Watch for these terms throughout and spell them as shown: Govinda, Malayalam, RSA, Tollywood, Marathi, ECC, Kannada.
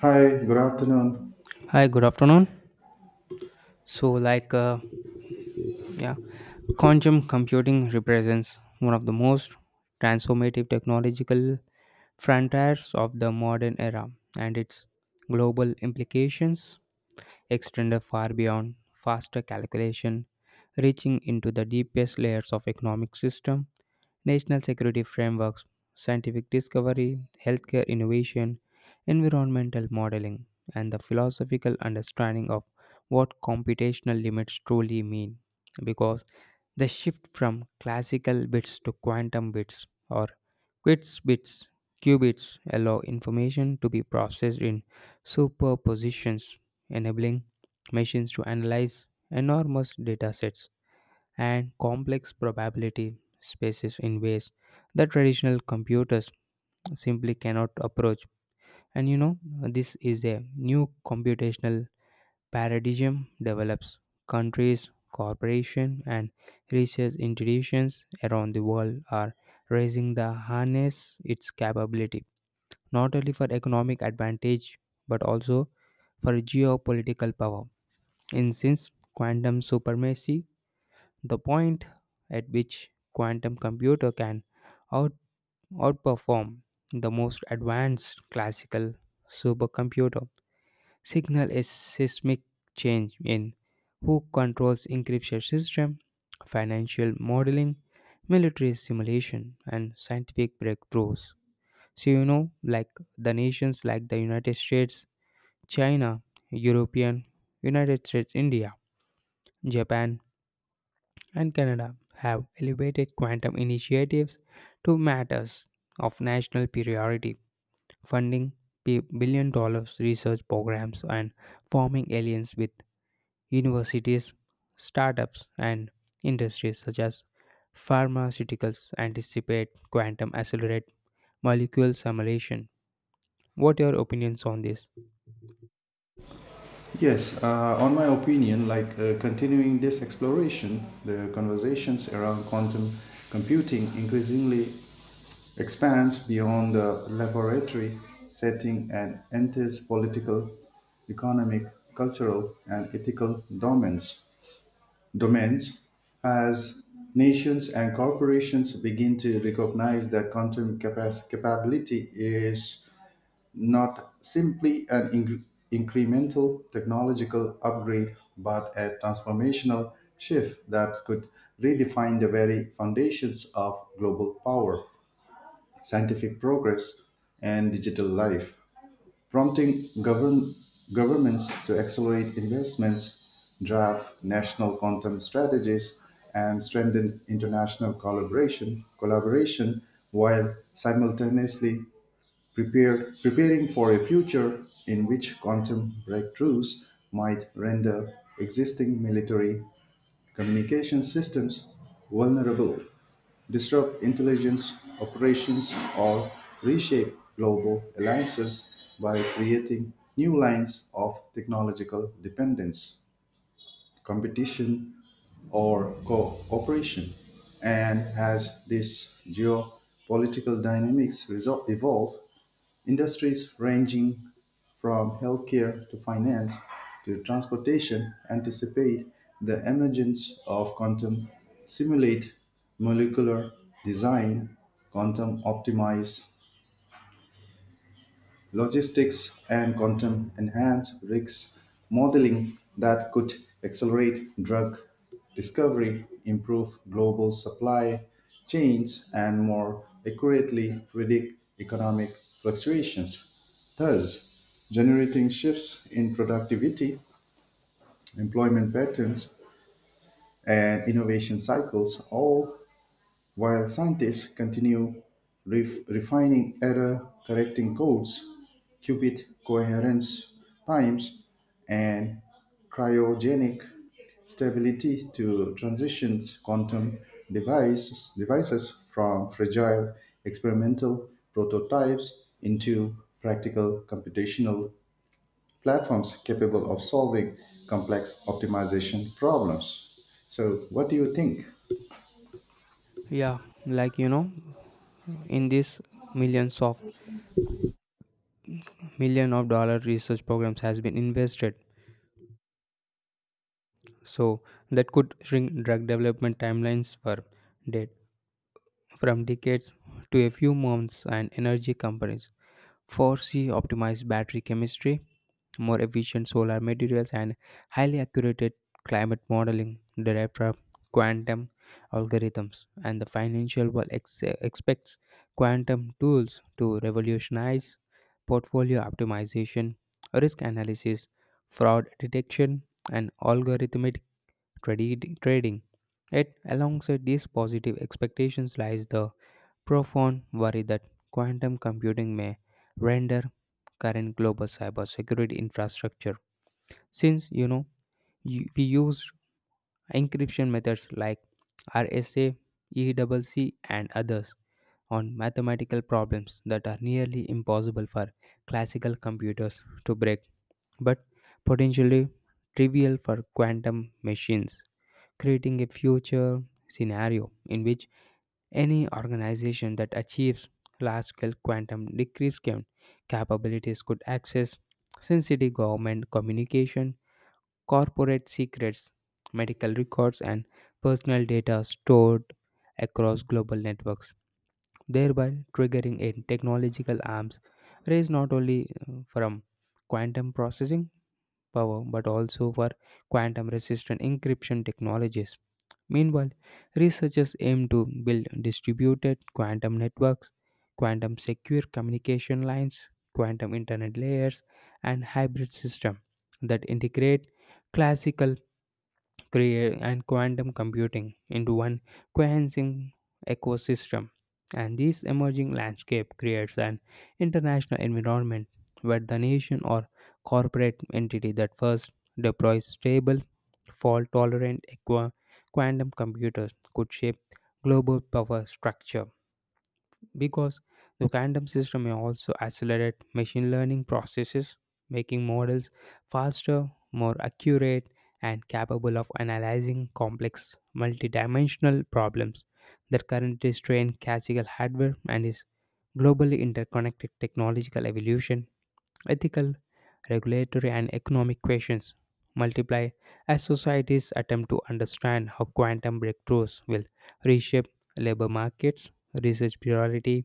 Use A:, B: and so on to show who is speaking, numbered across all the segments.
A: Hi, good afternoon.
B: Hi, good afternoon. So, like, yeah, quantum computing represents one of the most transformative technological frontiers of the modern era, and its global implications extend far beyond faster calculation, reaching into the deepest layers of economic system, national security frameworks, scientific discovery, healthcare innovation, environmental modeling, and the philosophical understanding of what computational limits truly mean. Because the shift from classical bits to quantum bits or qubits bits qubits allow information to be processed in superpositions, enabling machines to analyze enormous datasets and complex probability spaces in ways that traditional computers simply cannot approach. And this is a new computational paradigm develops countries, corporations, and research institutions around the world are raising the harness its capability, not only for economic advantage but also for geopolitical power. In since quantum supremacy the point at which quantum computer can out- outperform the most advanced classical supercomputer signal a seismic change in who controls encryption system, financial modeling, military simulation and scientific breakthroughs. So, like the nations like the United States, China, European, United States, India, Japan and Canada have elevated quantum initiatives to matters of national priority, funding billion dollars research programs and forming alliances with universities, startups, and industries such as pharmaceuticals anticipate quantum accelerate molecule simulation. What are your opinions on this?
A: Yes, on my opinion, continuing this exploration, the conversations around quantum computing increasingly expands beyond the laboratory setting and enters political, economic, cultural, and ethical domains. Domains as nations and corporations begin to recognize that capability is not simply incremental technological upgrade, but a transformational shift that could redefine the very foundations of global power, scientific progress, and digital life, prompting governments to accelerate investments, draft national quantum strategies, and strengthen international collaboration while simultaneously preparing for a future in which quantum breakthroughs might render existing military communication systems vulnerable, disrupt intelligence operations, or reshape global alliances by creating new lines of technological dependence competition, or cooperation. And as these geopolitical dynamics evolve, industries ranging from healthcare to finance to transportation anticipate the emergence of quantum simulate molecular design, quantum optimize logistics, and quantum enhanced risk modeling that could accelerate drug discovery, improve global supply chains, and more accurately predict economic fluctuations, thus generating shifts in productivity, employment patterns, and innovation cycles, all while scientists continue refining error correcting codes, qubit coherence times, and cryogenic stability to transition quantum devices, from fragile experimental prototypes into practical computational platforms capable of solving complex optimization problems. So, what do you think?
B: Yeah, like in this millions of million of dollar research programs has been invested. So that could shrink drug development timelines for dead from decades to a few months, and energy companies foresee optimized battery chemistry, more efficient solar materials and highly accurate climate modeling derived from quantum algorithms. And the financial world expects quantum tools to revolutionize portfolio optimization, risk analysis, fraud detection and algorithmic trading. Yet, alongside these positive expectations lies the profound worry that quantum computing may render current global cybersecurity infrastructure. Since we use encryption methods like RSA, ECC, and others on mathematical problems that are nearly impossible for classical computers to break but potentially trivial for quantum machines, creating a future scenario in which any organization that achieves large scale quantum decryption capabilities could access sensitive government communication, corporate secrets, medical records, and personal data stored across global networks, thereby triggering a technological arms race not only from quantum processing power but also for quantum resistant encryption technologies. Meanwhile, researchers aim to build distributed quantum networks, quantum secure communication lines, quantum internet layers, and hybrid systems that integrate classical create and quantum computing into one cohesive ecosystem. And this emerging landscape creates an international environment where the nation or corporate entity that first deploys stable, fault tolerant quantum computers could shape global power structure, because the quantum system may also accelerate machine learning processes, making models faster, more accurate, and capable of analyzing complex multidimensional problems that currently strain classical hardware. And is globally interconnected technological evolution, ethical, regulatory, and economic questions multiply as societies attempt to understand how quantum breakthroughs will reshape labor markets, research priorities,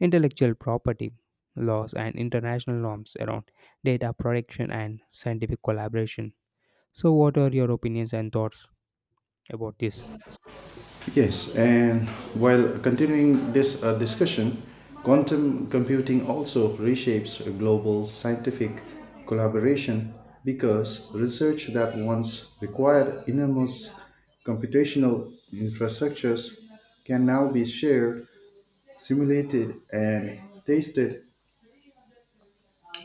B: intellectual property laws and international norms around data protection and scientific collaboration. So, what are your opinions and thoughts about this?
A: Yes, and while continuing this discussion, quantum computing also reshapes global scientific collaboration because research that once required enormous computational infrastructures can now be shared, simulated, and tested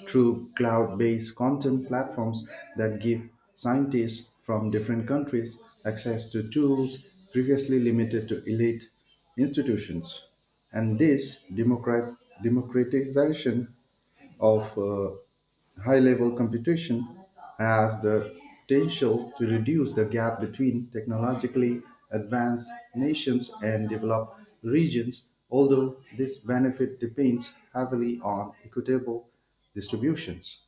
A: through cloud based content platforms that give scientists from different countries access to tools previously limited to elite institutions. And this democratization of high level computation has the potential to reduce the gap between technologically advanced nations and developed regions, although this benefit depends heavily on equitable distributions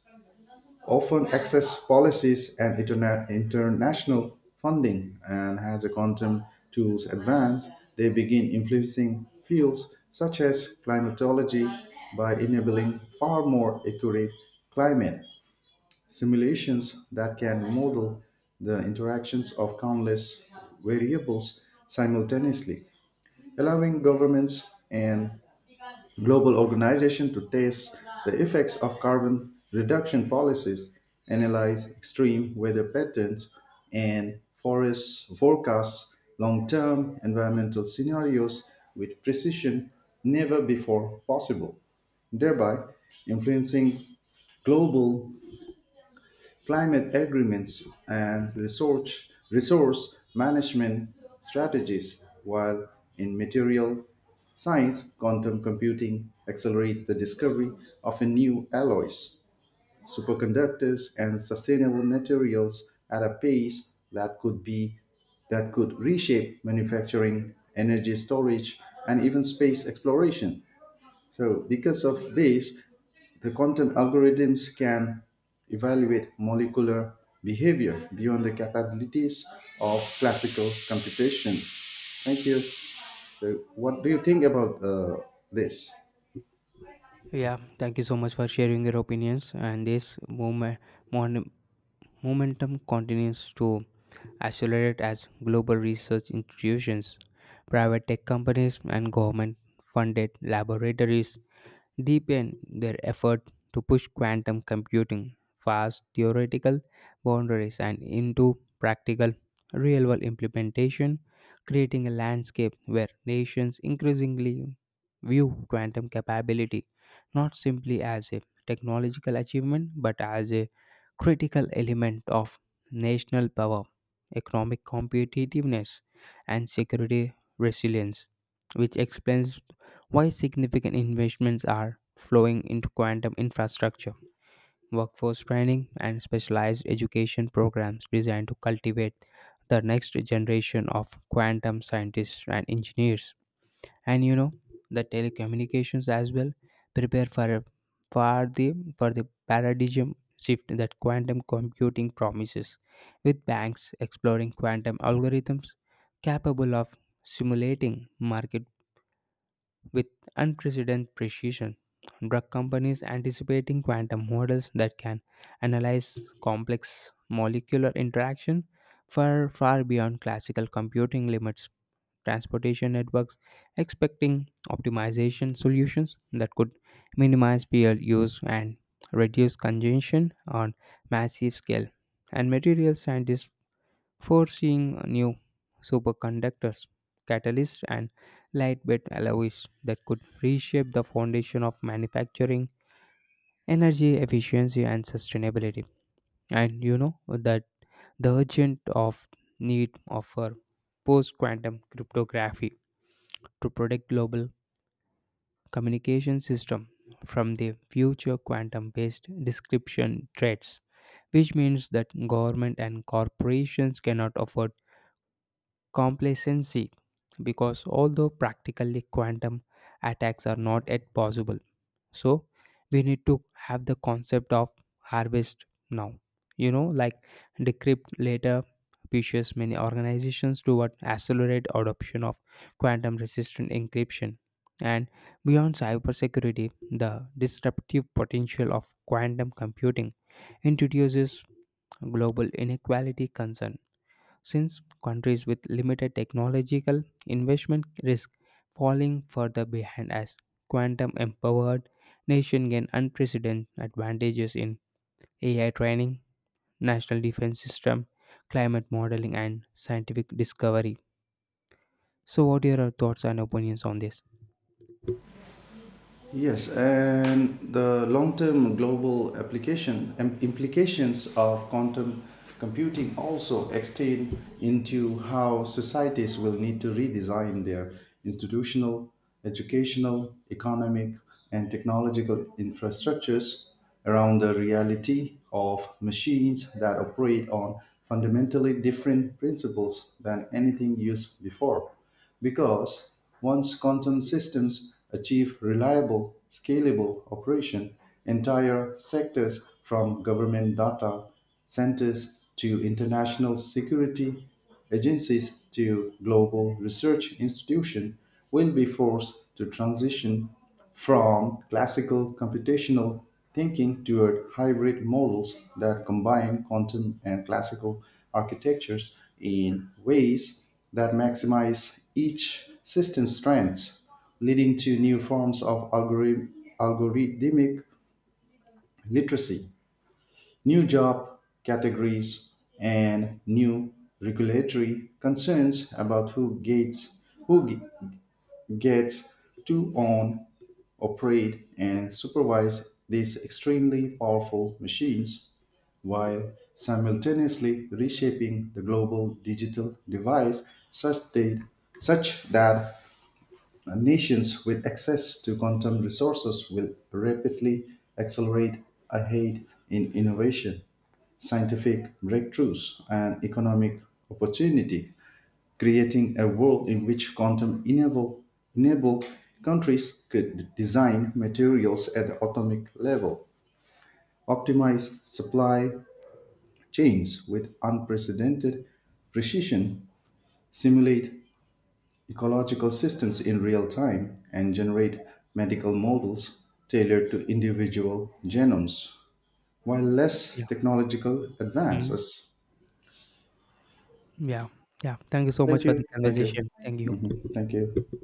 A: often access policies and international funding, and as the quantum tools advance they begin influencing fields such as climatology by enabling far more accurate climate simulations that can model the interactions of countless variables simultaneously, allowing governments and global organization to test the effects of carbon reduction policies, analyze extreme weather patterns and forest forecasts, long-term environmental scenarios with precision never before possible, thereby influencing global climate agreements, and resource management strategies, while in material science, quantum computing accelerates the discovery of a new alloys, superconductors, and sustainable materials at a pace that could reshape manufacturing, energy storage, and even space exploration. So, because of this, the content algorithms can evaluate molecular behavior beyond the capabilities of classical computation. Thank you. So, what do you think about this?
B: Yeah, thank you so much for sharing your opinions, and this moment, momentum continues to accelerate as global research institutions, private tech companies, and government funded laboratories deepen their effort to push quantum computing past theoretical boundaries and into practical, real world implementation, creating a landscape where nations increasingly view quantum capability not simply as a technological achievement but as a critical element of national power, economic competitiveness, and security resilience, which explains why significant investments are flowing into quantum infrastructure, workforce training, and specialized education programs designed to cultivate the next generation of quantum scientists and engineers. And the telecommunications as well prepare for the paradigm shift that quantum computing promises, with banks exploring quantum algorithms capable of simulating market with unprecedented precision. Drug companies anticipating quantum models that can analyze complex molecular interaction far beyond classical computing limits. Transportation networks expecting optimization solutions that could minimize fuel use and reduce congestion on massive scale. And material scientists forcing new superconductors, catalysts, and lightweight alloys that could reshape the foundation of manufacturing, energy efficiency, and sustainability. And you know that the urgent of need of a post-quantum cryptography to protect global communication system from the future quantum-based description threats, which means that government and corporations cannot afford complacency because although practically quantum attacks are not yet possible, so we need to have the concept of harvest now, like decrypt later, pushes many organizations toward accelerate adoption of quantum resistant encryption. And beyond cybersecurity, the disruptive potential of quantum computing introduces global inequality concern since countries with limited technological investment risk falling further behind as quantum empowered nations gain unprecedented advantages in AI training, national defense system, climate modeling and scientific discovery. So, what are your thoughts and opinions on this?
A: Yes, and the long-term global application implications of quantum computing also extend into how societies will need to redesign their institutional, educational, economic, and technological infrastructures around the reality of machines that operate on fundamentally different principles than anything used before, because once quantum systems achieve reliable, scalable operation, entire sectors from government data centers to international security agencies to global research institutions will be forced to transition from classical computational thinking toward hybrid models that combine quantum and classical architectures in ways that maximize each system's strengths, leading to new forms of algorithmic literacy, new job categories, and new regulatory concerns about who gets who ge- gets to own operate and supervise these extremely powerful machines while simultaneously reshaping the global digital device such that, such that nations with access to quantum resources will rapidly accelerate ahead in innovation, scientific breakthroughs, and economic opportunity, creating a world in which enabled countries could design materials at the atomic level, optimize supply chains with unprecedented precision, simulate ecological systems in real time, and generate medical models tailored to individual genomes, while less
B: Yeah.
A: technological
B: Mhm.
A: advances.
B: Yeah. Yeah. Thank you so much
A: Thank
B: for the
A: you, thank you,
B: conversation. Thank you.
A: thank you.